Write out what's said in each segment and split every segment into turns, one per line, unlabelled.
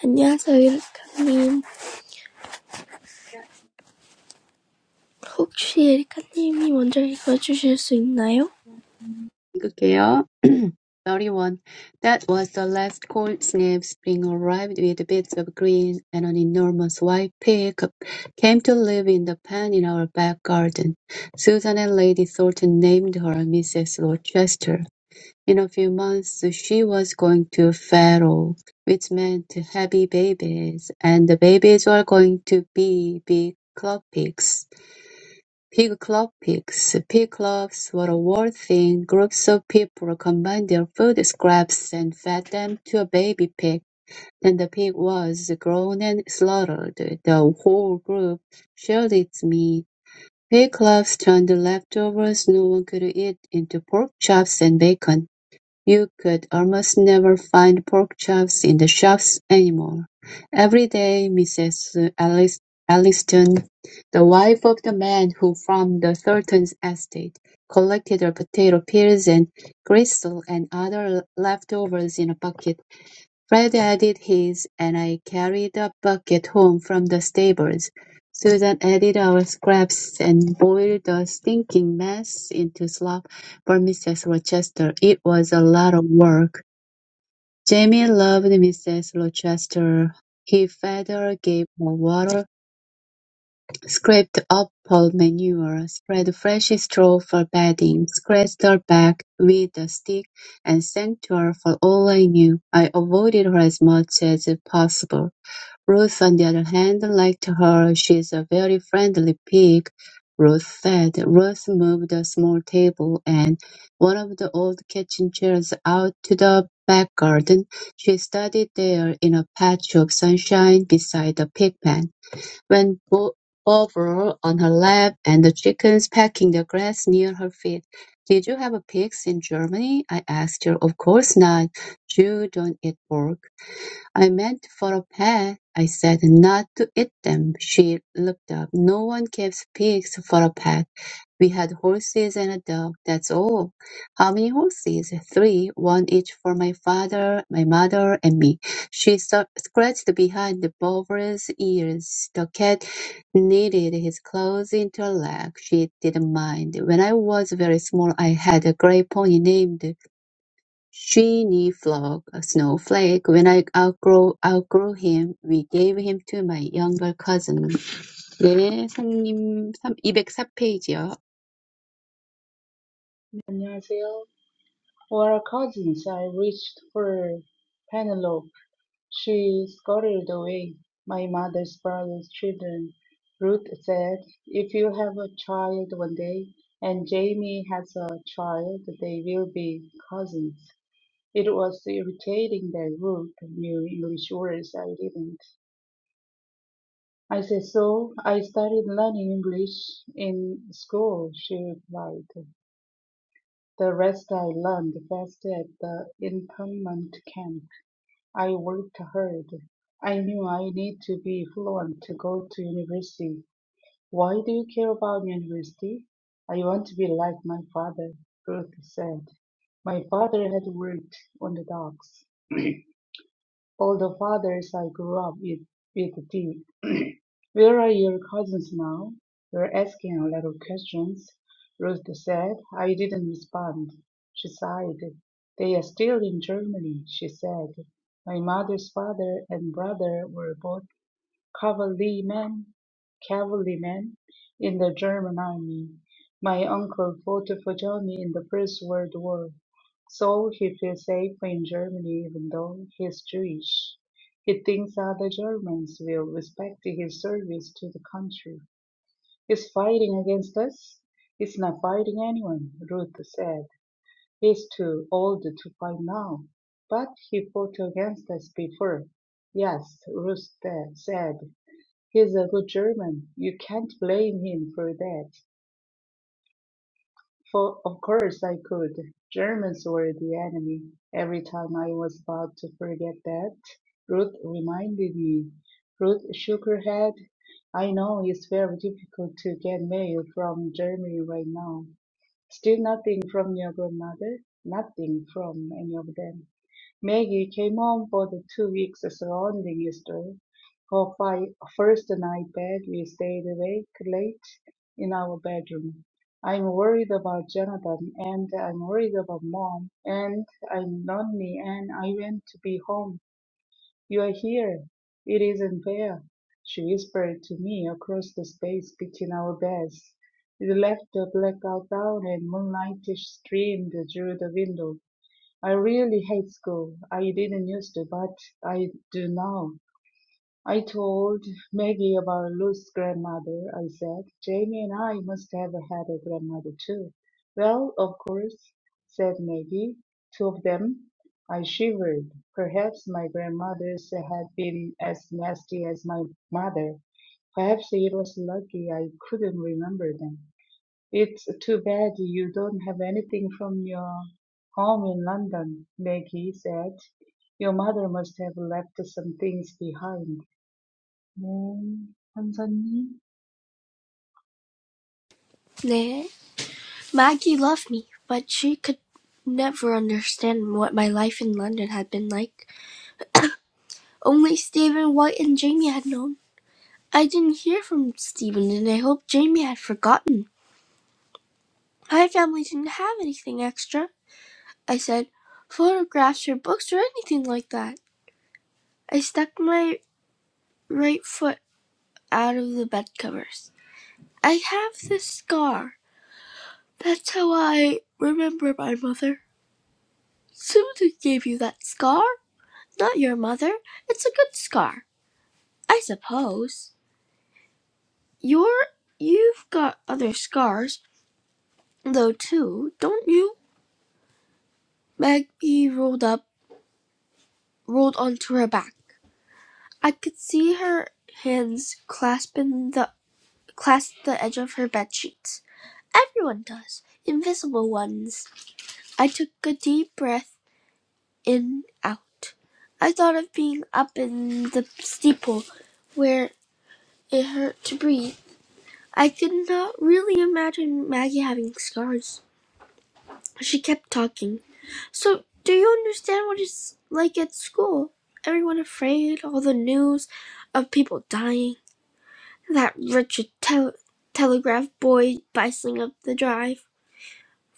안녕하세요, 에리카님. 혹시 에리카님이 먼저 읽어주실 수 있나요?
읽을게요. 31. That was the last cold snap. Spring arrived with bits of green and an enormous white pig came to live in the pen in our back garden. Susan and Lady Thornton named her Mrs. Rochester. In a few months, she was going to feral, which meant heavy babies, and the babies were going to be big club pigs. Pig-club-pigs. Pig clubs were a world thing. Groups of people combined their food scraps and fed them to a baby pig. When the pig was grown and slaughtered, the whole group shared its meat. Pig clubs turned leftovers no one could eat into pork chops and bacon. You could almost never find pork chops in the shops anymore. Every day Mrs. Elliston, the wife of the man who farmed the Thornton's estate, collected her potato peels and gristle and other leftovers in a bucket. Fred added his, and I carried a bucket home from the stables. Susan added our scraps and boiled the stinking mess into slop for Mrs. Rochester. It was a lot of work. Jamie loved Mrs. Rochester. He fed her, gave her water, Scrape the up-pile manure, spread fresh straw for bedding, scratched her back with a stick, and thanked her for all I knew. I avoided her as much as possible. Ruth, on the other hand, liked her. She's a very friendly pig, Ruth said. Ruth moved a small table and one of the old kitchen chairs out to the back garden. She studied there in a patch of sunshine beside the pig pen went bo- over on her lap and the chickens pecking the grass near her feet. Did you have pigs in Germany? I asked her. Of course not. You don't eat pork. "I meant for a pet," I said, "not to eat them." She looked up. "No one keeps pigs for a pet. We had horses and a dog, that's all." "How many horses?" Three, one each for my father, my mother, and me." She sa- scratched behind the Bov's ears. The cat knitted his claws into her leg. She didn't mind. When I was very small, I had a gray pony named Sheeny a Snowflake. When I outgrow outgrow him, we gave him to my younger cousin. 네, 성님 204페이지요.
Anazil were cousins. I reached for Penelope. She scurried away. My mother's brother's children. Ruth said, if you have a child one day, and Jamie has a child, they will be cousins. It was irritating that Ruth knew English words I didn't. I said so. I started learning English in school, she replied. The rest I learned best at the internment camp I worked hard. I knew I need to be fluent to go to university. Why do you care about university? I want to be like my father, Ruth said. My father had worked on the docks. All the fathers I grew up with, with did. "Where are your cousins now? We're asking a lot of questions," Ruth said. I didn't respond. She sighed. "They are still in Germany," she said. "My mother's father and brother were both cavalryman cavalryman in the German army. My uncle fought for Germany in the First World War, so he feels safe in Germany even though he's Jewish. He thinks other Germans will respect his service to the country. He's fighting against us? He's not fighting anyone, Ruth said. He's too old to fight now. But he fought against us before. Yes, Ruth said. He's a good German. You can't blame him for that. For of course I could. Germans were the enemy. Every time I was about to forget that, Ruth reminded me. Ruth shook her head. I know it's very difficult to get mail from Germany right now. Still nothing from your grandmother? Nothing from any of them. Maggie came home for the two weeks surrounding Easter. For fi- first night back, we stayed awake late in our bedroom. I'm worried about Jonathan, and I'm worried about mom, and I'm lonely, and I want to be home. You are here. It isn't fair, she whispered to me across the space between our beds. We left the blackout down, and moonlight streamed through the window. I really hate school. I didn't used to, but I do now. I told Maggie about Luke's grandmother. I said, Jamie and I must have had a grandmother too. Well, of course, said Maggie. Two of them. I shivered. Perhaps my grandmother's had been as nasty as my mother. Perhaps it was lucky I couldn't remember them. It's too bad you don't have anything from your home in London, Maggie said. Your mother must have left some things behind. 네, 선선님.
네. Maggie loved me, but she could never understand what my life in London had been like. Only Stephen White and Jamie had known. I didn't hear from Stephen, and I hoped Jamie had forgotten. My family didn't have anything extra. I said, photographs or books or anything like that. I stuck my right foot out of the bed covers. I have this scar. That's how I remember my mother. Susan gave you that scar? Not your mother. It's a good scar, I suppose. You're you've got other scars though too, don't you? Maggie rolled up rolled onto her back. I could see her hands clasping the clasped the edge of her bed sheets. Everyone does. Invisible ones. I took a deep breath in, out. I thought of being up in the steeple where it hurt to breathe. I could not really imagine Maggie having scars. She kept talking. So, do you understand what it's like at school? Everyone afraid, all the news of people dying, that wretched tel- telegraph boy bustling up the drive.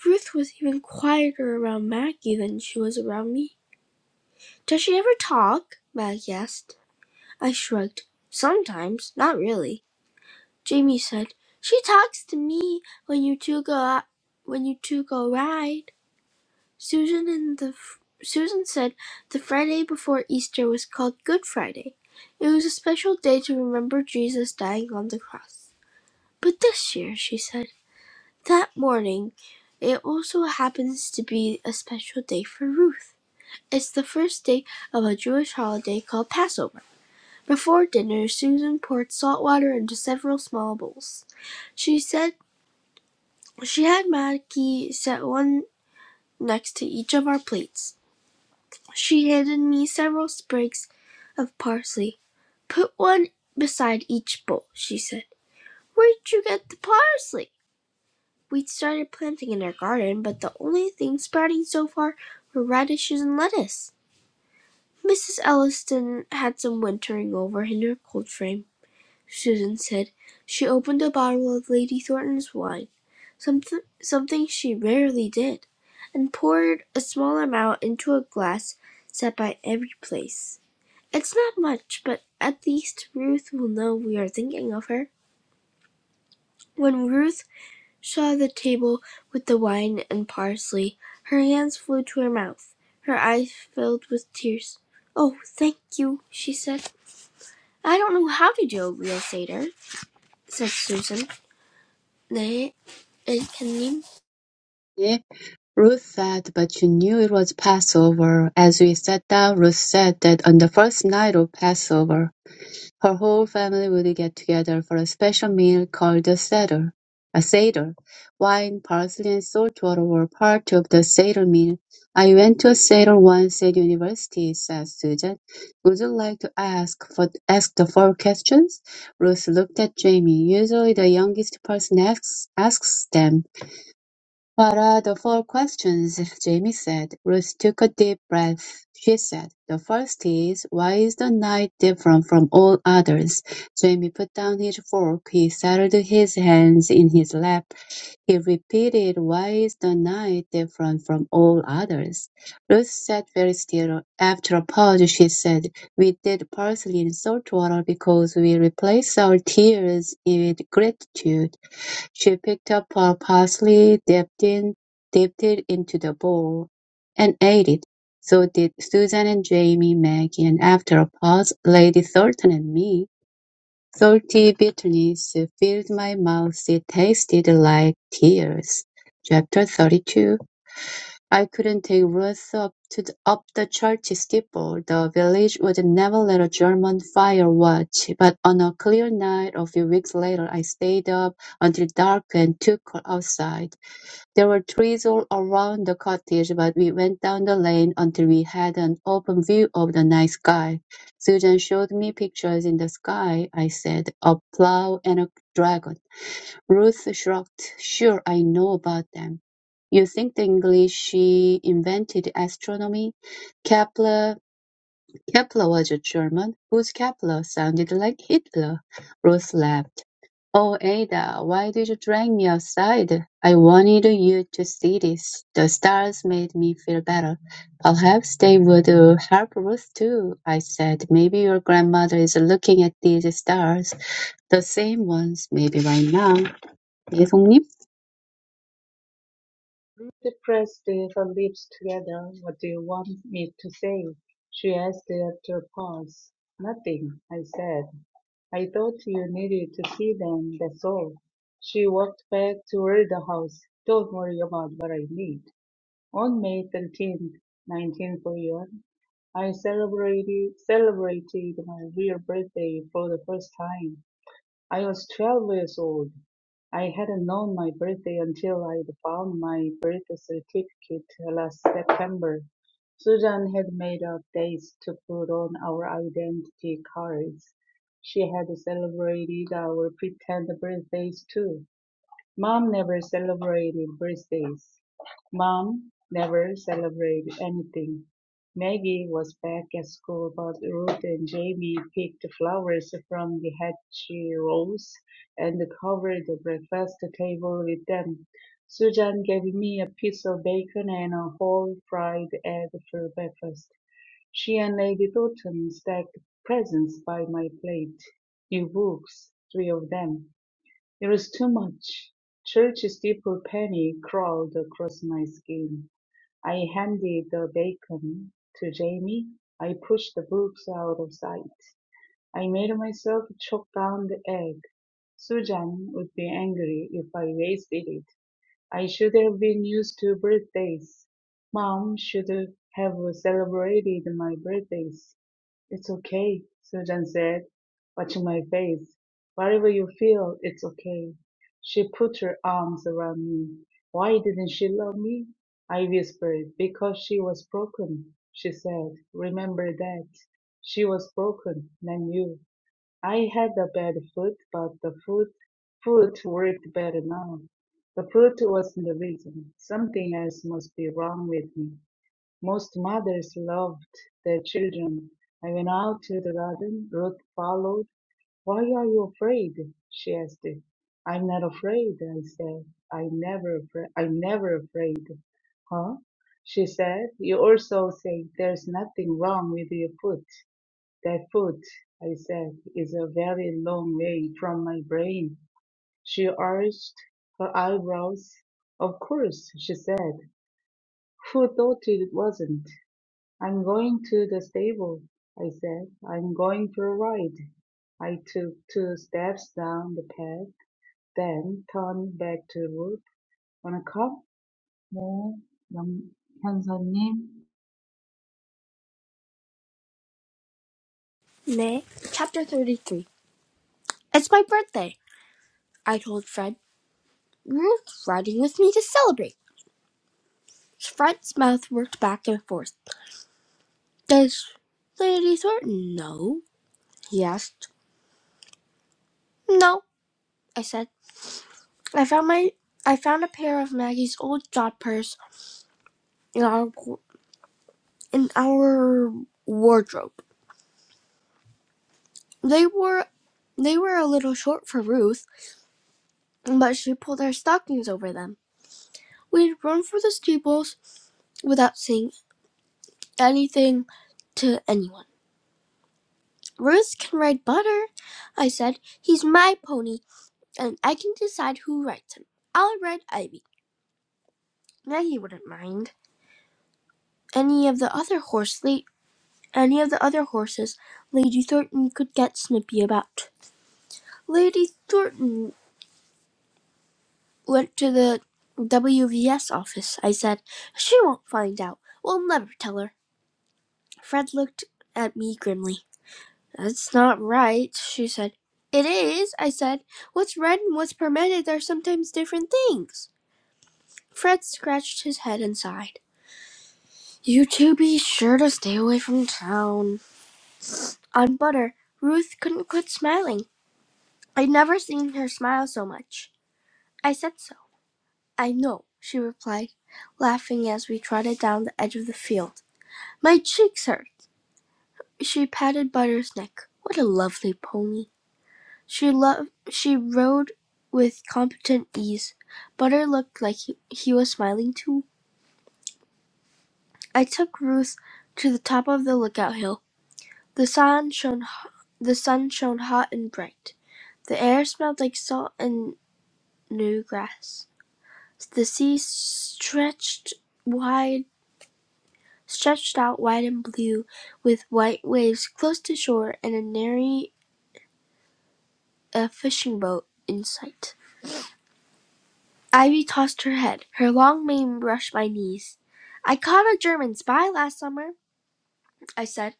Ruth was even quieter around Maggie than she was around me. Does she ever talk? Maggie asked. I shrugged. "Sometimes. Not really." Jamie said, "She talks to me when you two go out, when you two go ride." Susan and the Susan said the Friday before Easter was called Good Friday. It was a special day to remember Jesus dying on the cross. But this year, she said, that morning, it also happens to be a special day for Ruth. It's the first day of a Jewish holiday called Passover. Before dinner Susan poured salt water into several small bowls. She said she had Maggie set one next to each of our plates. She handed me several sprigs of parsley. Put one beside each bowl, she said. Where'd you get the parsley? We'd started planting in our garden, but the only things sprouting so far were radishes and lettuce. Mrs. Elliston had some wintering over in her cold frame. Susan said. She opened a bottle of Lady Thornton's wine something, something she rarely did and poured a small amount into a glass set by every place. It's not much, but at least Ruth will know we are thinking of her. When Ruth saw the table with the wine and parsley, her hands flew to her mouth. Her eyes filled with tears. Oh, thank you, she said. I don't know how to do a real Seder, said Susan. 네, It can
네. Ruth said, but you knew it was Passover. As we sat down, Ruth said that on the first night of Passover, Her whole family would get together for a special meal called a "seder." A seder. Wine, parsley, and salt water were part of the seder meal. I went to a seder once at university, says Susan. Would you like to ask for ask the four questions? Ruth looked at Jamie. Usually the youngest person asks asks them. “What are the four questions?” Jamie said. Ruth took a deep breath. She said, “The first is, why is the night different from all others?” Jamie put down his fork. He settled his hands in his lap. He repeated, “Why is the night different from all others?” Ruth sat very still. After a pause, she said, “We did parsley in salt water because we replace our tears with gratitude. She picked up a parsley dipped in dipped it into the bowl, and ate it. So did Susan and Jamie, Maggie, and after a pause, Lady Thornton and me. Salty bitterness filled my mouth. It tasted like tears. Chapter 32 I couldn't take Ruth up to the, up the church steeple. The village would never let a German fire watch. But on a clear night a few weeks later, I stayed up until dark and took her outside. There were trees all around the cottage, but we went down the lane until we had an open view of the night sky. Susan showed me pictures in the sky, I said, a plow and a dragon. Ruth shrugged. Sure, I know about them. You think the English invented astronomy? Kepler Kepler was a German whose Kepler sounded like Hitler. Ruth laughed. Oh, Ada, why did you drag me outside? I wanted you to see this. The stars made me feel better. Perhaps they would uh, help Ruth too, I said. Maybe your grandmother is looking at these stars, the same ones, maybe right now. 예송님?
Ruth pressed her lips together. What do you want me to say? She asked after a pause. Nothing, I said. I thought you needed to see them, that's all. She walked back toward the house. Don't worry about what I need. On May 13, 1941, I celebrated, celebrated my real birthday for the first time. I was 12 years old. I hadn't known my birthday until I found my birth certificate last September. Susan had made up dates to put on our identity cards. She had celebrated our pretend birthdays too. Mom never celebrated birthdays. Mom never celebrated anything. Maggie was back at school, but Ruth and Jamie picked flowers from the hatchy rows and covered the breakfast table with them. Susan gave me a piece of bacon and a whole fried egg for breakfast. She and Lady Doughton stacked presents by my plate. New books, three of them it was too much. Church's deeper penny crawled across my skin. I handed the bacon to Jamie. I pushed the books out of sight. I made myself choke down the egg. Susan would be angry if I wasted it. I should have been used to birthdays. Mom should have celebrated my birthdays. It's okay, Susan said, watching my face. Whatever you feel, it's okay. She put her arms around me. Why didn't she love me? I whispered. Because she was broken, she said. Remember that. She was broken, not you. I had a bad foot, but the foot foot worked better now. The foot wasn't the reason. Something else must be wrong with me. Most mothers loved their children. I went out to the garden. Ruth followed. Why are you afraid? she asked. I'm not afraid, I said. I'm never afraid. I'm never afraid. Huh? She said. You also say there's nothing wrong with your foot. That foot, I said, is a very long way from my brain. She arched her eyebrows. Of course, she said. Who thought it wasn't? I'm going to the stable, I said. I'm going for a ride. I took two steps down the path, then turned back to the road. Wanna come? 네, 영, 형사님.
May chapter thirty three. It's my birthday, I told Fred. You're riding with me to celebrate. Fred's mouth worked back and forth. Does Lady Thornton know? he asked. No, I said. I found my I found a pair of Maggie's old job purse in our in our wardrobe. They were they were a little short for Ruth, but she pulled her stockings over them. We'd run for the steeples without seeing. anything to anyone. Ruth can ride Butter, I said. He's my pony, and I can decide who rides him. I'll ride Ivy. Maggie wouldn't mind. Any of the other horse la- any of the other horses Lady Thornton could get snippy about. Lady Thornton went to the WVS office, I said. She won't find out. We'll never tell her. Fred looked at me grimly. That's not right, she said. It is, I said. What's read and what's permitted are sometimes different things. Fred scratched his head and sighed. You two be sure to stay away from town. On butter, Ruth couldn't quit smiling. I'd never seen her smile so much. I said so. I know, she replied, laughing as we trotted down the edge of the field. My cheeks hurt. She patted Butter's neck. What a lovely pony. She loved. She rode with competent ease. Butter looked like he he was smiling too. I took Ruth to the top of the lookout hill. The sun shone the sun shone hot and bright. The air smelled like salt and new grass. The sea stretched wide, stretched out wide and blue, with white waves close to shore and a nary a fishing boat in sight. Ivy tossed her head. Her long mane brushed my knees. "I caught a German spy last summer," I said.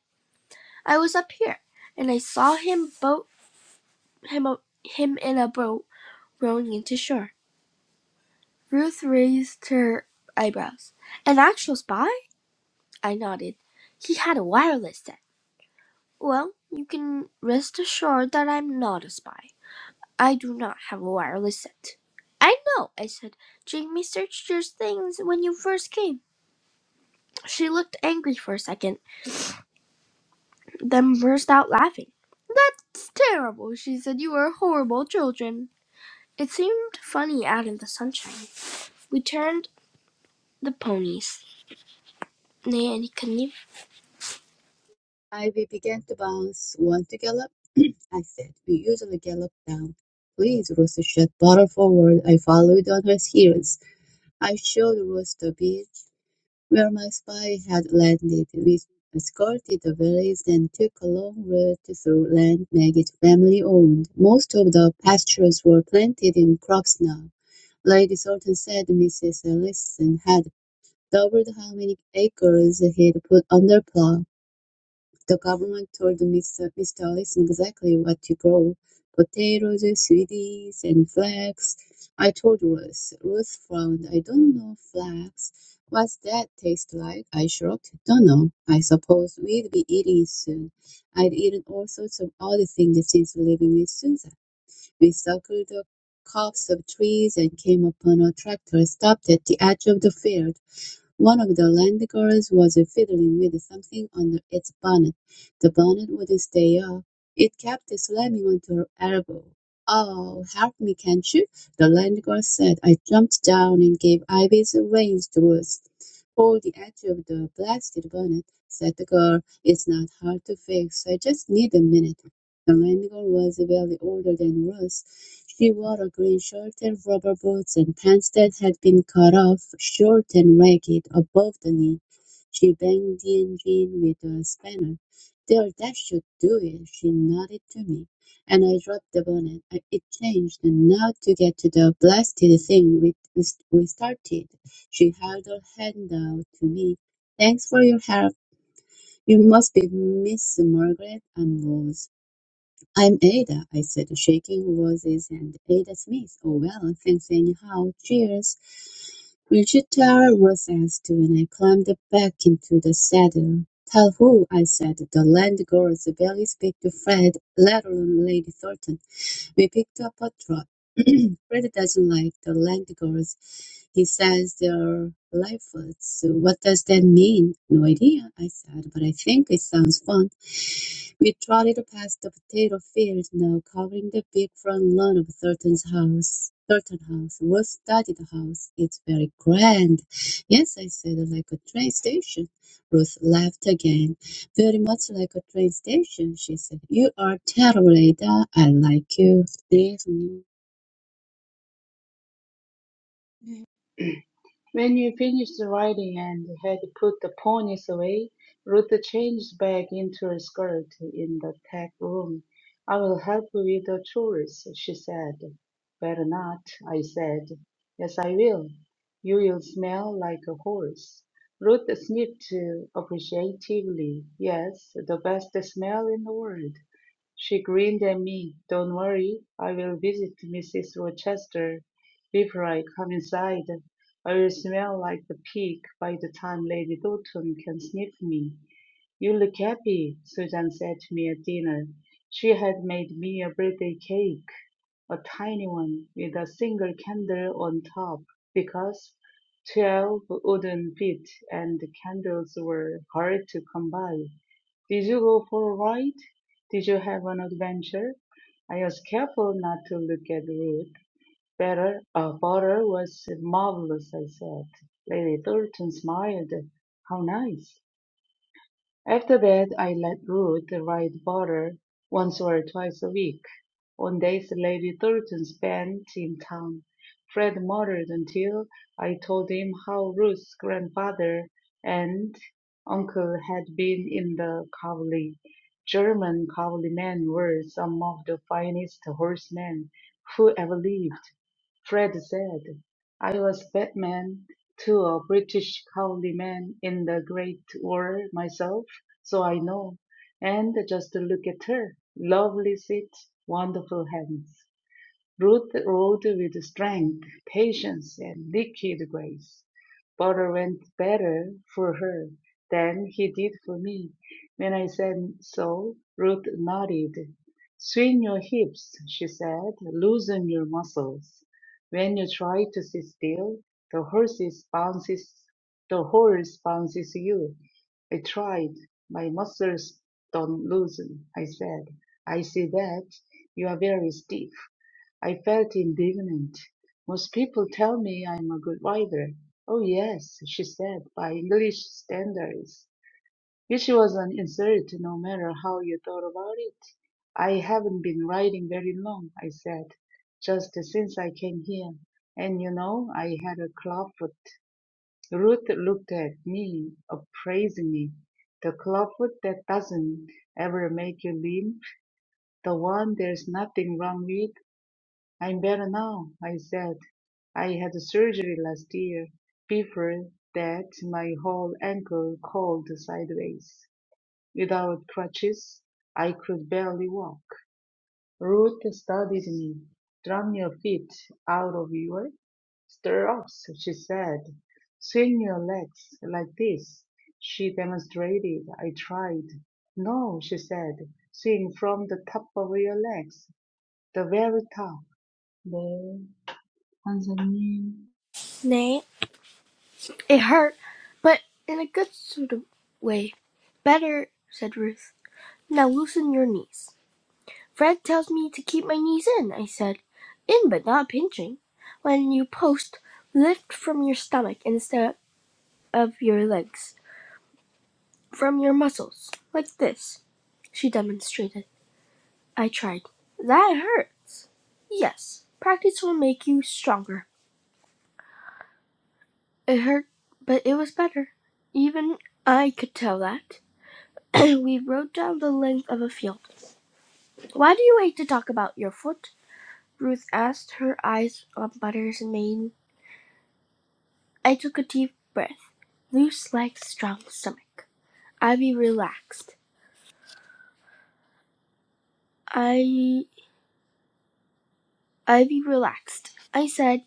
"I was up here, and I saw him boat him o- him in a boat rowing into shore." Ruth raised her eyebrows. "An actual spy?" I nodded. "He had a wireless set." "Well, you can rest assured that I'm not a spy. I do not have a wireless set." "I know," I said. "Jamie searched your things when you first came." She looked angry for a second. then burst out laughing. That's terrible, she said. You are horrible children. It seemed funny out in the sunshine. We turned the ponies. Nay, and he couldn't even.
Ivy began to bounce. Want to gallop? I said. We usually gallop down. Please, Rooster shot bottle forward. I followed on her heels. I showed Rooster beach where my spy had landed. We escorted the valleys and took a long route through land Maggie's family owned. Most of the pastures were planted in crops now. Lady Thornton said Mrs. Ellison had doubled how many acres he'd put under plow. The government told Mr. Mr. Allison exactly what to grow: potatoes, sweeties, and flax. I told Ruth. Ruth frowned. I don't know flax. What's that taste like? I shrugged. Don't know. I suppose we'd be eating it soon. I'd eaten all sorts of odd things since leaving with Susan. We circled the copse of trees and came upon a tractor stopped at the edge of the field. One of the land girls was fiddling with something under its bonnet. The bonnet wouldn't stay up. It kept slamming onto her elbow. "Oh, help me, can't you?" the land girl said. I jumped down and gave Ivy's reins to loose. "Hold the edge of the blasted bonnet," said the girl. "It's not hard to fix. I just need a minute." The was very older than Ruth. She wore a green shirt and rubber boots and pants that had been cut off short and ragged above the knee. She banged the engine with a spanner. There, that should do it. She nodded to me, and I dropped the bonnet. I, it changed, and now to get to the blasted thing, we, we we started. She held her hand out to me. Thanks for your help. You must be Miss Margaret. I'm Rose. "I'm Ada," I said, shaking roses and Ada Smith. "Oh, well, thanks anyhow. Cheers." Wichita was asked when I climbed back into the saddle. Tell who, I said. The land girls barely speak to Fred, let alone Lady Thornton. We picked up a truck. Fred doesn't like the land girls. He says they're lifers. What does that mean? No idea, I said, but I think it sounds fun. We trotted past the potato field now, covering the big front lawn of Thurton's house. Thurton House, roof-studded house. It's very grand. Yes, I said, like a train station. Ruth laughed again. "Very much like a train station," she said. "You are terrible, Ada. I like you." 네, 손님.
When you finished writing and had put the ponies away, Ruth changed back into her skirt in the tech room. I will help with the chores, she said. Better not, I said. Yes, I will. You will smell like a horse. Ruth sniffed appreciatively. Yes, the best smell in the world. She grinned at me. "Don't worry, I will visit Mrs. Rochester. Before I come inside, I will smell like the pig by the time Lady Doughton can sniff me." "You look happy," Susan said to me at dinner. She had made me a birthday cake a tiny one with a single candle on top, because twelve wooden feet and candles were hard to come by. Did you go for a ride? Did you have an adventure? I was careful not to look at Ruth. Better, uh, butter was marvelous, I said. Lady Thornton smiled. How nice. After that, I let Ruth ride butter once or twice a week. On days Lady Thornton spent in town, Fred muttered until I told him how Ruth's grandfather and uncle had been in the cavalry. German cavalrymen were some of the finest horsemen who ever lived. Fred said, I was Batman to a British Councilman in the Great War myself, so I know. And just look at her. Lovely feet, wonderful hands. Ruth rode with strength, patience, and liquid grace. Butter went better for her than he did for me. When I said so, Ruth nodded. Swing your hips, she said. Loosen your muscles. When you try to sit still, the horses bounces the horse bounces you. I tried. My muscles don't loosen, I said. I see that. You are very stiff. I felt indignant. Most people tell me I'm a good writer. Oh, yes, she said, by English standards. Which was an insult no matter how you thought about it. I haven't been writing very long, I said, just since I came here. And you know, I had a clubfoot. Ruth looked at me appraisingly. The clubfoot that doesn't ever make you limp, the one there's nothing wrong with, I'm better now, I said. I had surgery last year. Before that, my whole ankle curled sideways. Without crutches, I could barely walk. Ruth studied me. Drum your feet out of your stirrups, she said. Swing your legs like this. She demonstrated. I tried. No, she said. Swing from the top of your legs, the very top. 네, 선생님,
Nay, it hurt, but in a good sort of way. Better, said Ruth. Now loosen your knees. Fred tells me to keep my knees in, I said. In, but not pinching. When you post, lift from your stomach instead of your legs, from your muscles, like this. she demonstrated. I tried. That hurts. Yes, practice will make you stronger. It hurt, but it was better. Even I could tell that. we rode down the length of a field. Why do you hate to talk about your foot? Ruth asked, her eyes on Butter's mane. I took a deep breath. Loose like strong stomach. Ivy relaxed. I. Ivy relaxed. I said,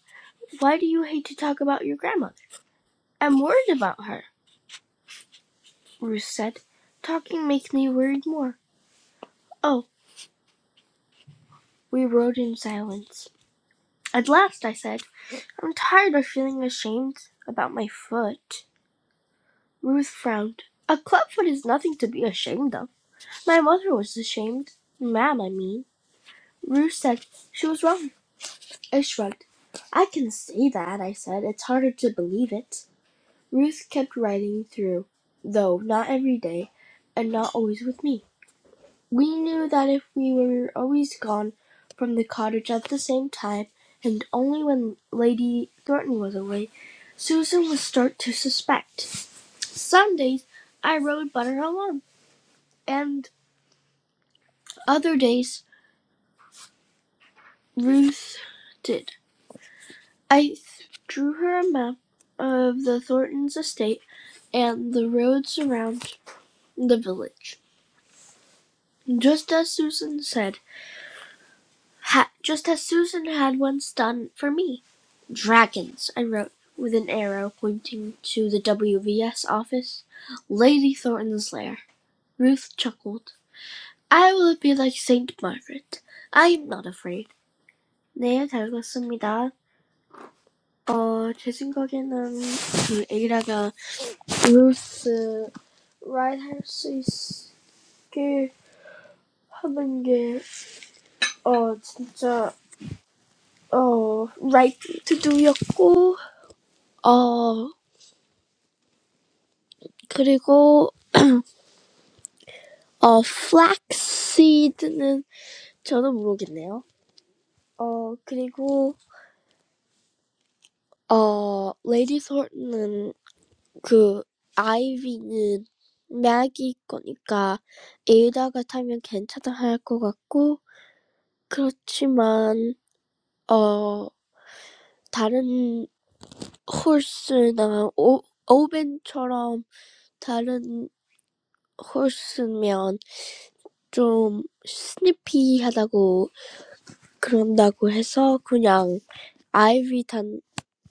Why do you hate to talk about your grandmother? I'm worried about her. Ruth said. Talking makes me worried more. Oh, we rode in silence. At last, I said, I'm tired of feeling ashamed about my foot. Ruth frowned. A clubfoot is nothing to be ashamed of. My mother was ashamed. Ma'am, I mean. Ruth said she was wrong. I shrugged. I can say that, I said. It's harder to believe it. Ruth kept riding through, though not every day, and not always with me. We knew that if we were always gone from the cottage at the same time, and only when Lady Thornton was away, Susan would start to suspect. Some days I rode Butter alone, and other days Ruth did. I drew her a map of the Thorntons' estate and the roads around the village, just as Susan said, ha- just as Susan had once done for me. "Dragons," I wrote, with an arrow pointing to the W.V.S. office. "Lady Thornton's lair." Ruth chuckled. "I will be like Saint Margaret. I am not afraid." 네, 잘 읽었습니다. 어, 제 생각에는 그 에이라가 루스 라이드 할수 있게 하는 게, 어, 진짜, 어, right to do였고, 어, 그리고, 어, flaxseed는 저도 모르겠네요. 어, 그리고, 어, 레이디 솔은 그, 아이비는 맥이 거니까 에이다가 타면 괜찮다 할 것 같고, 그렇지만, 어, 다른 홀스나 오, 오벤처럼 다른 홀스면 좀 스니피하다고 그런다고 해서 그냥 아이비 단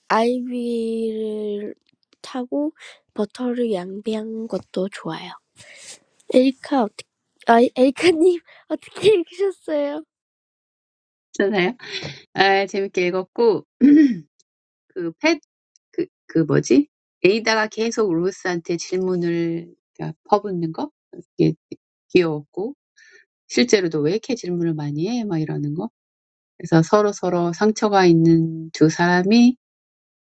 I will take butter and lamb meat. Also, I like it. Erica, how? Erica, how are you? Yes, I
괜찮아요? 아, 재밌게 읽었고, 그, 팻, 그, 그 뭐지? 에이다가 계속 루스한테 질문을, 그러니까 퍼붓는 거? 이게 귀여웠고, 실제로도 왜 이렇게 질문을 많이 해? 막 이러는 거. 그래서 서로서로 상처가 있는 두 사람이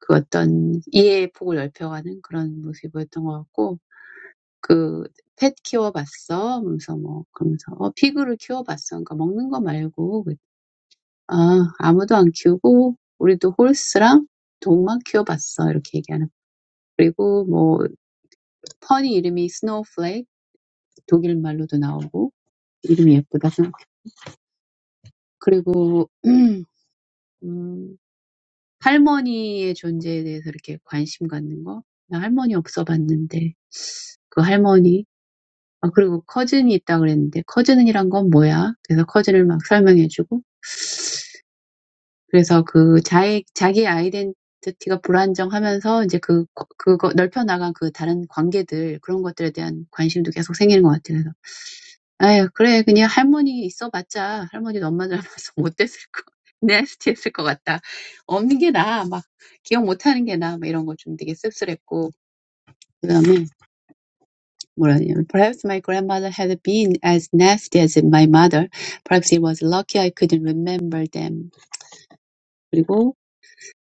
그 어떤 이해의 폭을 넓혀가는 그런 모습이었던 것 같고, 그, 펫 키워봤어? 하면서 뭐, 그러면서, 어, 피그를 키워봤어. 그러니까 먹는 거 말고, 그- 아, 아무도 안 키우고, 우리도 홀스랑 동만 키워봤어. 이렇게 얘기하는. 거. 그리고 뭐, 펀이 이름이 스노우플레이크, 독일 말로도 나오고, 이름이 예쁘다. 그리고, 음, 할머니의 존재에 대해서 이렇게 관심 갖는 거. 나 할머니 없어 봤는데, 그 할머니. 아, 그리고 커즌이 있다 그랬는데, 커즌이란 건 뭐야? 그래서 커즌을 막 설명해주고, 그래서 그 자의 자기 아이덴티티가 불안정하면서 이제 그 그거 넓혀 나간 그 다른 관계들 그런 것들에 대한 관심도 계속 생기는 것 같아요. 그래서 아유 그래 그냥 할머니 있어봤자 할머니 엄마 닮아서 못됐을 거 nasty했을 것 같다. 없는 게 나아 막 기억 못하는 게 나아 막 이런 거 좀 되게 씁쓸했고 그다음에 뭐라 하냐면 Perhaps my grandmother had been as nasty as my mother. Perhaps it was lucky I couldn't remember them. 그리고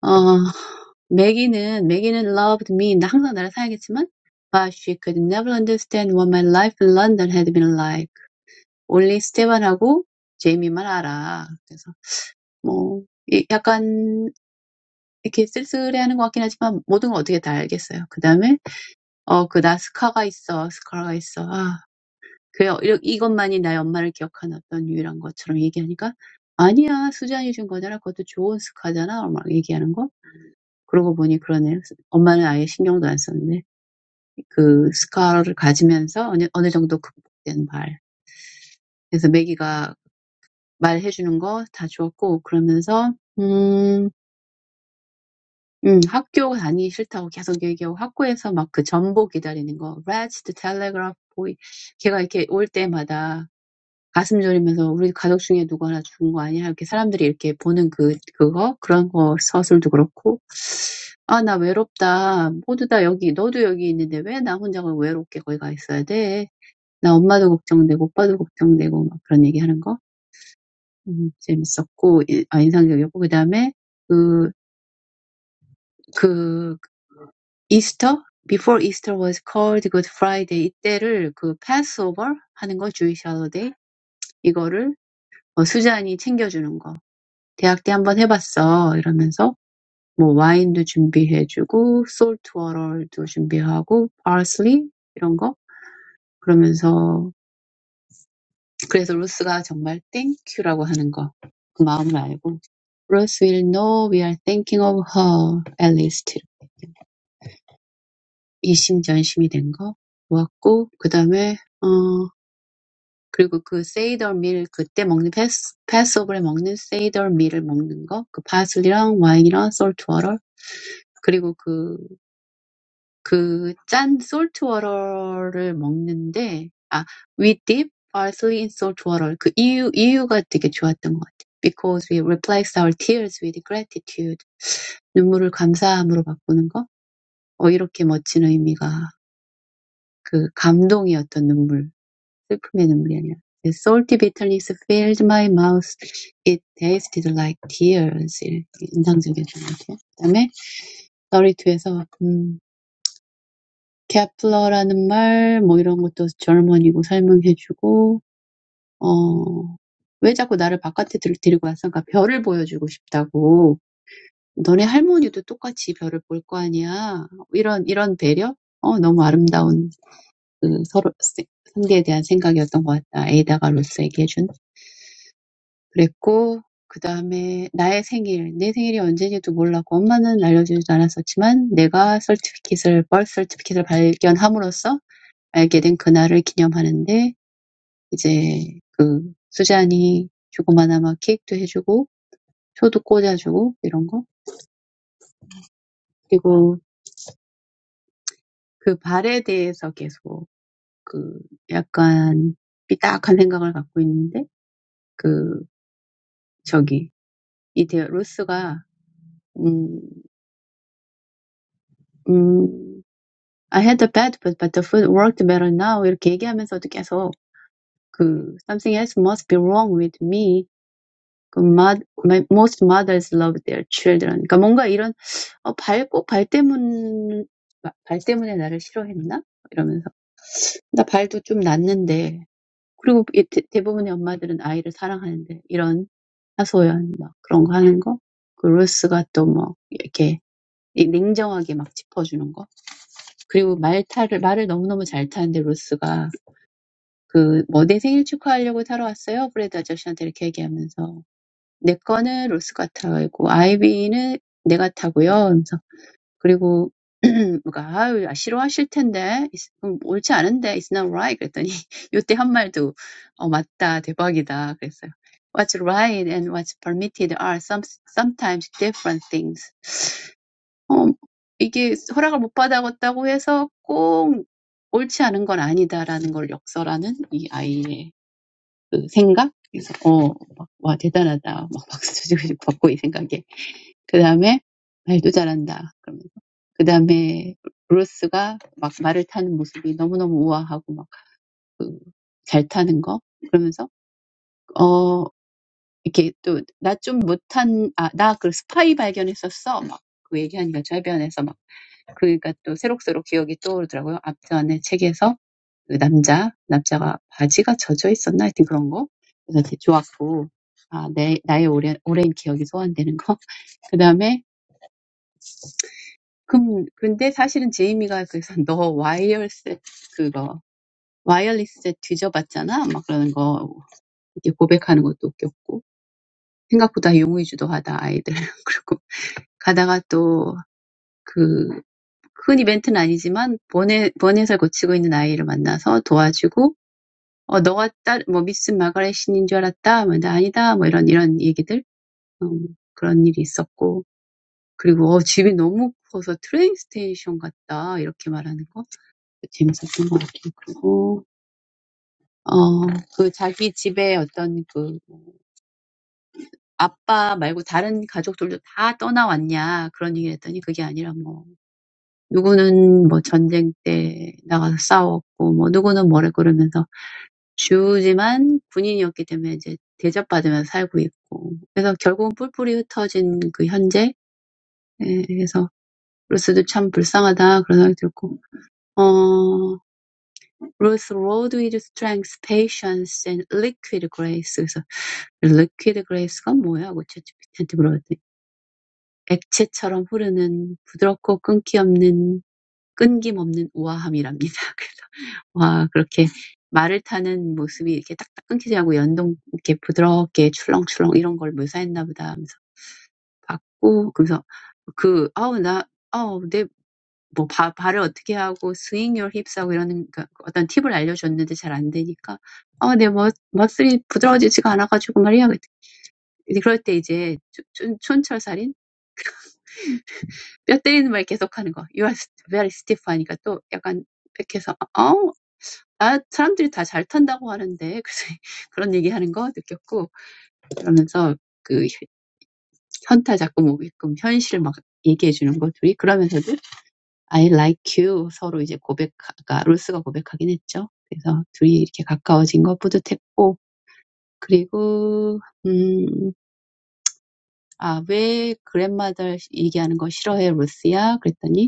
어 Maggie는 Maggie는 loved me. 나 항상 나를 사랑했지만, but she could never understand what my life in London had been like. only 스테반하고 제이미만 알아. 그래서 뭐 약간 이렇게 쓸쓸해하는 것 같긴 하지만 모든 걸 어떻게 다 알겠어요. 그 다음에 어 어그 나스카가 있어, 스카가 있어. 아 그래요. 이러- 이것만이 나의 엄마를 기억하는 어떤 유일한 것처럼 얘기하니까 아니야 수잔이 준 거잖아. 그것도 좋은 스카잖아. 막 얘기하는 거. 그러고 보니 그러네요. 엄마는 아예 신경도 안 썼네. 그 스카를 가지면서 어느, 어느 정도 극복된 말. 그래서 매기가 말해주는 거다 주었고, 그러면서, 음, 음, 학교 다니기 싫다고 계속 얘기하고, 학교에서 막 그 전보 기다리는 거, Register Telegraph Boy. 걔가 이렇게 올 때마다 가슴 졸이면서 우리 가족 중에 누구 하나 죽은 거 아니야? 이렇게 사람들이 이렇게 보는 그, 그거? 그런 거 서술도 그렇고. 아, 나 외롭다. 모두 다 여기, 너도 여기 있는데 왜 나 혼자가 외롭게 거기 가 있어야 돼? 나 엄마도 걱정되고 오빠도 걱정되고 막 그런 얘기하는 거 음, 재밌었고 아, 인상적이었고 그 다음에 그, 그 이스터 Before Easter was called Good Friday 이때를 그 Passover 하는 거 Jewish holiday 이거를 어, 수잔이 챙겨주는 거 대학 때 한번 해봤어 이러면서 뭐 와인도 준비해주고 솔트 워럴도 준비하고 parsley 이런 거 그러면서 그래서 루스가 정말 땡큐라고 하는 거 그 마음을 알고 Rose will know we are thinking of her. At least. 이심전심이 된 거 좋았고, 그 다음에 어 그리고 그 cider meal, 그때 먹는 passover에 먹는 cider meal을 먹는 거, 그 parsley랑 wine랑 salt water, 그리고 그그짠 salt water를 먹는데, ah, we dip parsley in salt water. 그 이유 이유가 되게 좋았던 것 같아. Because we replace our tears with gratitude. 눈물을 감사함으로 바꾸는 거. 어, 이렇게 멋진 의미가 그 감동의 어떤 눈물, 슬픔의 눈물이 아니라 The salty bitterness filled my mouth. It tasted like tears. 이렇게 인상적이었던 것 같아요. 그다음에 32에서 음, 케플러라는 말, 뭐 이런 것도 젊은이고 설명해주고 어, 왜 자꾸 나를 바깥에 들, 데리고 왔어? 그러니까 별을 보여주고 싶다고. 너네 할머니도 똑같이 별을 볼거 아니야. 이런 이런 배려? 어, 너무 아름다운 그 서로 세- 상대에 대한 생각이었던 것 같다. 에이다가 로스 얘기해준. 그랬고, 그 다음에 나의 생일, 내 생일이 언제인지도 몰랐고, 엄마는 알려주지도 않았었지만, 내가 서티피킷을, 벌스 서티피킷을 발견함으로써 알게 된 그날을 기념하는데, 이제 그 수잔이 조그마나마 케이크도 해주고, 초도 꽂아주고, 이런 거. 그리고 그 발에 대해서 계속 그 약간 삐딱한 생각을 갖고 있는데, 그 저기 It's like I had a bad, but but the food worked better now. 이렇게 얘기하면서도 계속 그 something has must be wrong with me. 그 mo- my- Most mothers love their children. 그러니까 뭔가 이런 어, 발꼭발 때문에 발 때문에 나를 싫어했나 이러면서 나 발도 좀 났는데 그리고 이 대, 대부분의 엄마들은 아이를 사랑하는데 이런 타소연 그런 거 하는 거. 그리고 루스가 또뭐 이렇게 이- 냉정하게 막 짚어주는 거. 그리고 말 타를 말을 너무너무 잘 타는데 로스가 그뭐 내 생일 축하하려고 타러 왔어요. 브래드 아저씨한테 이렇게 얘기하면서 내 거는 로스가 타고 아이비는 내가 타고요. 하면서 그리고 뭐가 아유 아, 싫어하실 텐데 it's- 음, 옳지 않은데 it's not right 그랬더니 요때 한 말도 어 맞다 대박이다 그랬어요. What's right and what's permitted are some sometimes different things. 어, 이게 허락을 못 받았다고 해서 꼭 옳지 않은 건 아니다라는 걸 역설하는 이 아이의 그 생각? 그래서, 어, 막, 와, 대단하다. 막 박수 치고 받고 이 생각에. 그 다음에, 말도 잘한다. 그러면서. 그 다음에, 로스가 막 말을 타는 모습이 너무너무 우아하고 막, 그, 잘 타는 거. 그러면서, 어, 이렇게 또, 나좀 못한, 아, 나그 스파이 발견했었어. 막, 그 얘기하니까 주변에서 막 그러니까 또 새록새록 기억이 떠오르더라고요. 앞전에 책에서 그 남자, 남자가 바지가 젖어 있었나? 하여튼 그런 거. 그래서 되게 좋았고, 아, 내, 나의 오랜, 오랜 기억이 소환되는 거. 그 다음에, 금, 근데 사실은 제이미가 그래서 너 와이어셋 그거, 와이어리셋 뒤져봤잖아? 막 그러는 거, 이렇게 고백하는 것도 웃겼고, 생각보다 용의주도하다, 아이들. 그리고 가다가 또, 그, 큰 이벤트는 아니지만, 번외, 번외설 고치고 있는 아이를 만나서 도와주고, 어, 너가 딸, 뭐, 미스 마가렛 신인 줄 알았다? 뭐, 나 아니다. 뭐, 이런, 이런 얘기들. 어, 그런 일이 있었고. 그리고, 어, 집이 너무 커서 트레인 스테이션 같다. 이렇게 말하는 거. 재밌었던 것 같아요. 그리고, 어, 그 자기 집에 어떤 그, 아빠 말고 다른 가족들도 다 떠나왔냐. 그런 얘기를 했더니 그게 아니라 뭐, 누구는 뭐 전쟁 때 나가서 싸웠고, 뭐, 누구는 뭐래 그러면서 But she was a woman, so she was treated well. So Ruth is very sad. Ruth rode with strength, patience, and liquid grace. So liquid grace is what? I have to ask you. 끊김없는 우아함이랍니다. 그래서 와 그렇게 말을 타는 모습이 이렇게 딱딱 끊기지 않고 연동 이렇게 부드럽게 출렁출렁 이런 걸 묘사했나 보다 하면서 봤고 그래서 그 아우 나 아우 내 내뭐 발을 어떻게 하고 스윙 율 힙스 하고 이런 그러니까 어떤 팁을 알려줬는데 잘안 되니까 아, 내 멋, 머슬이 부드러워지지가 않아가지고 말이야. 그럴 때 이제 촌, 촌철살인 뼈 때리는 말 계속하는 거. You are very stiff 하니까 또 약간 백해서 해서 아, 사람들이 다 잘 탄다고 하는데, 그래서 그런 얘기하는 거 느꼈고, 그러면서 그 현타 자꾸 오게끔 현실을 막 얘기해 주는 거 둘이, 그러면서도 I like you 서로 이제 고백, 아, 로스가 고백하긴 했죠. 그래서 둘이 이렇게 가까워진 거 뿌듯했고, 그리고, 음, 아, 왜 그랜마들 얘기하는 거 싫어해, 로스야? 그랬더니,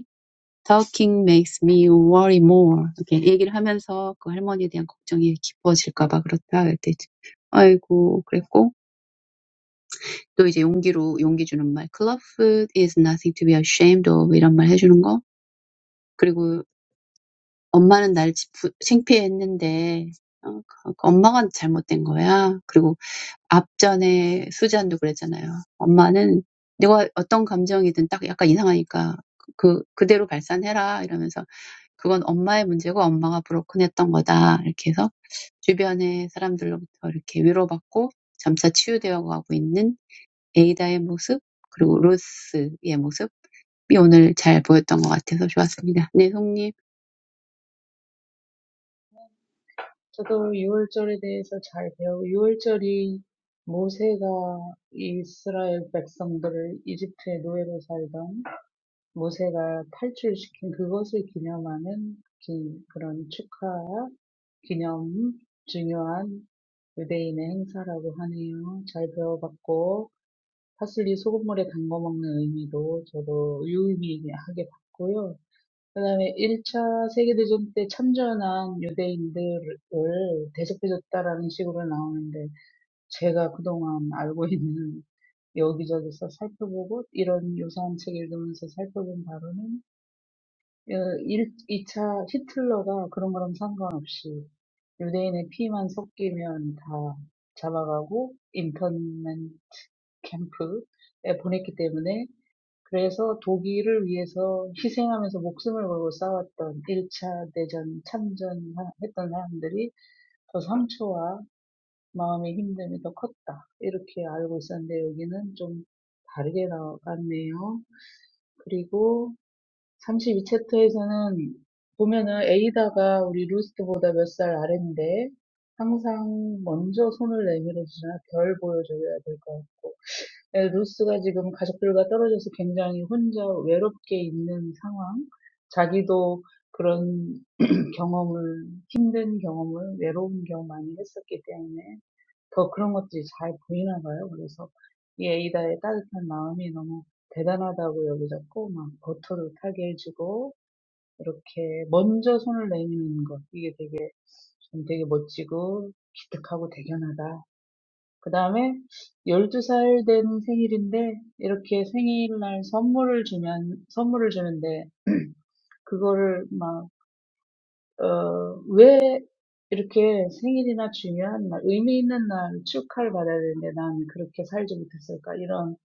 Talking makes me worry more. 이렇게 얘기를 하면서 그 할머니에 대한 걱정이 깊어질까봐 그렇다 그랬대지. 아이고 그랬고 또 이제 용기로 용기 주는 말 Club is nothing to be ashamed of 이런 말 해주는 거. 그리고 엄마는 날 창피했는데 어, 그 엄마가 잘못된 거야. 그리고 앞전에 수잔도 그랬잖아요. 엄마는 내가 어떤 감정이든 딱 약간 이상하니까 그 그대로 발산해라 이러면서 그건 엄마의 문제고 엄마가 브로큰했던 거다. 이렇게 해서 주변의 사람들로부터 이렇게 위로받고 점차 치유되어가고 있는 에이다의 모습, 그리고 로스의 모습이 오늘 잘 보였던 것 같아서 좋았습니다. 네, 송님.
저도 유월절에 대해서 잘 배우고, 유월절이 모세가 이스라엘 백성들을 이집트의 노예로 살던 모세가 탈출시킨 그것을 기념하는 기- 그런 축하, 기념, 중요한 유대인의 행사라고 하네요. 잘 배워봤고, 파슬리 소금물에 담궈 먹는 의미도 저도 유의미하게 봤고요. 그다음에 1차 세계대전 때 참전한 유대인들을 대접해줬다라는 식으로 나오는데 제가 그동안 알고 있는 여기저기서 살펴보고 이런 요사한 책 읽으면서 살펴본 바로는 1, 2차 히틀러가 그런 거랑 상관없이 유대인의 피만 섞이면 다 잡아가고 인터넷 캠프에 보냈기 때문에 그래서 독일을 위해서 희생하면서 목숨을 걸고 싸웠던 1차 대전 참전했던 사람들이 더 상처와 마음의 힘듦이 더 컸다. 이렇게 알고 있었는데 여기는 좀 다르게 나왔네요. 그리고 32 챕터에서는 보면은 에이다가 우리 루스트보다 몇살 아래인데 항상 먼저 손을 내밀어 주잖아. 별 보여줘야 될것 같고. 예, 루스가 지금 가족들과 떨어져서 굉장히 혼자 외롭게 있는 상황, 자기도 그런 경험을, 힘든 경험을, 외로운 경험 많이 했었기 때문에 더 그런 것들이 잘 보이나 봐요. 그래서 이 에이다의 따뜻한 마음이 너무 대단하다고 여겨졌고, 막 버터를 타게 해주고, 이렇게 먼저 손을 내미는 것, 이게 되게, 좀 되게 멋지고, 기특하고 대견하다. 그 다음에 열두 살 된 생일인데 이렇게 생일날 선물을 주면 선물을 주는데 그거를 막, 어, 왜 이렇게 생일이나 중요한 날, 의미 있는 날 축하를 받아야 되는데 난 그렇게 살지 못했을까? 이런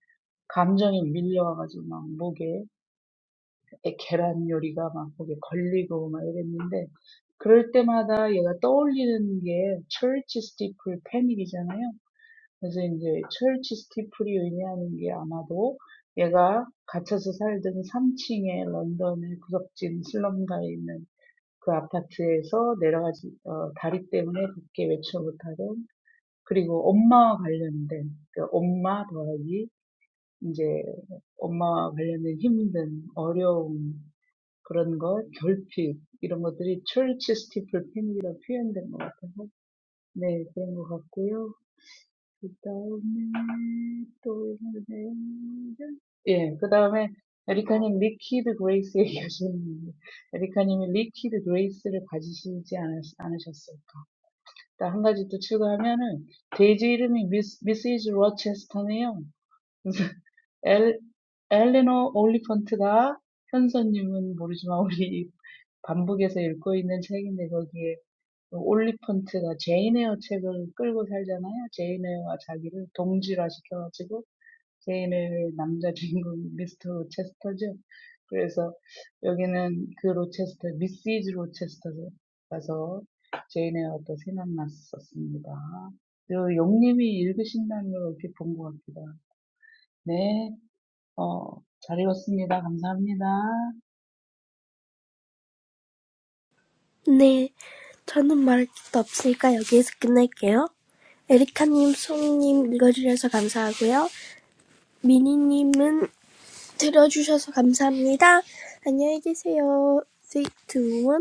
감정이 밀려와가지고 막 목에 계란 요리가 막 목에 걸리고 막 이랬는데 그럴 때마다 얘가 떠올리는 게 church steeple 패닉이잖아요. 그래서 이제 철치 스티플이 의미하는 게 아마도 얘가 갇혀서 살던 3층의 런던의 구석진 슬럼가에 있는 그 아파트에서 내려가지 어, 다리 때문에 밖에 외출 못하던 그리고 엄마와 관련된 그 엄마 더하기 이제 엄마와 관련된 힘든 어려움 그런 것 결핍 이런 것들이 철치 스티플 패닉이라고 표현된 것 같아서 네 그런 것 같고요. 그다음에 또 있는데 예, 그다음에 에리카님 리퀴드 그레이스 얘기하시는데 에리카님이 리퀴드 그레이스를 가지시지 않았, 않으셨을까? 딱 한 가지 또 추가하면은 데이지 이름이 미스, 미시즈 로체스터네요. 그래서 엘, 엘레노 올리펀트가 현서님은 모르지만 우리 반북에서 읽고 있는 책인데 거기에 Oliphant가 Jane Eyre 책을 끌고 살잖아요. Jane Eyre와 자기를 동질화 시켜가지고 Jane의 남자 주인공 Mister Rochester. 그래서 여기는 그 Rochester, Misses Rochester가서 Jane Eyre가 또 생각났습니다. 영님이 읽으신다면 이렇게 본것 같습니다. 네, 어잘 읽었습니다. 감사합니다.
have nothing to say. I will end here. Erica, Song, read it for me. Thank you. Minnie, listen to it. Thank you. Goodbye.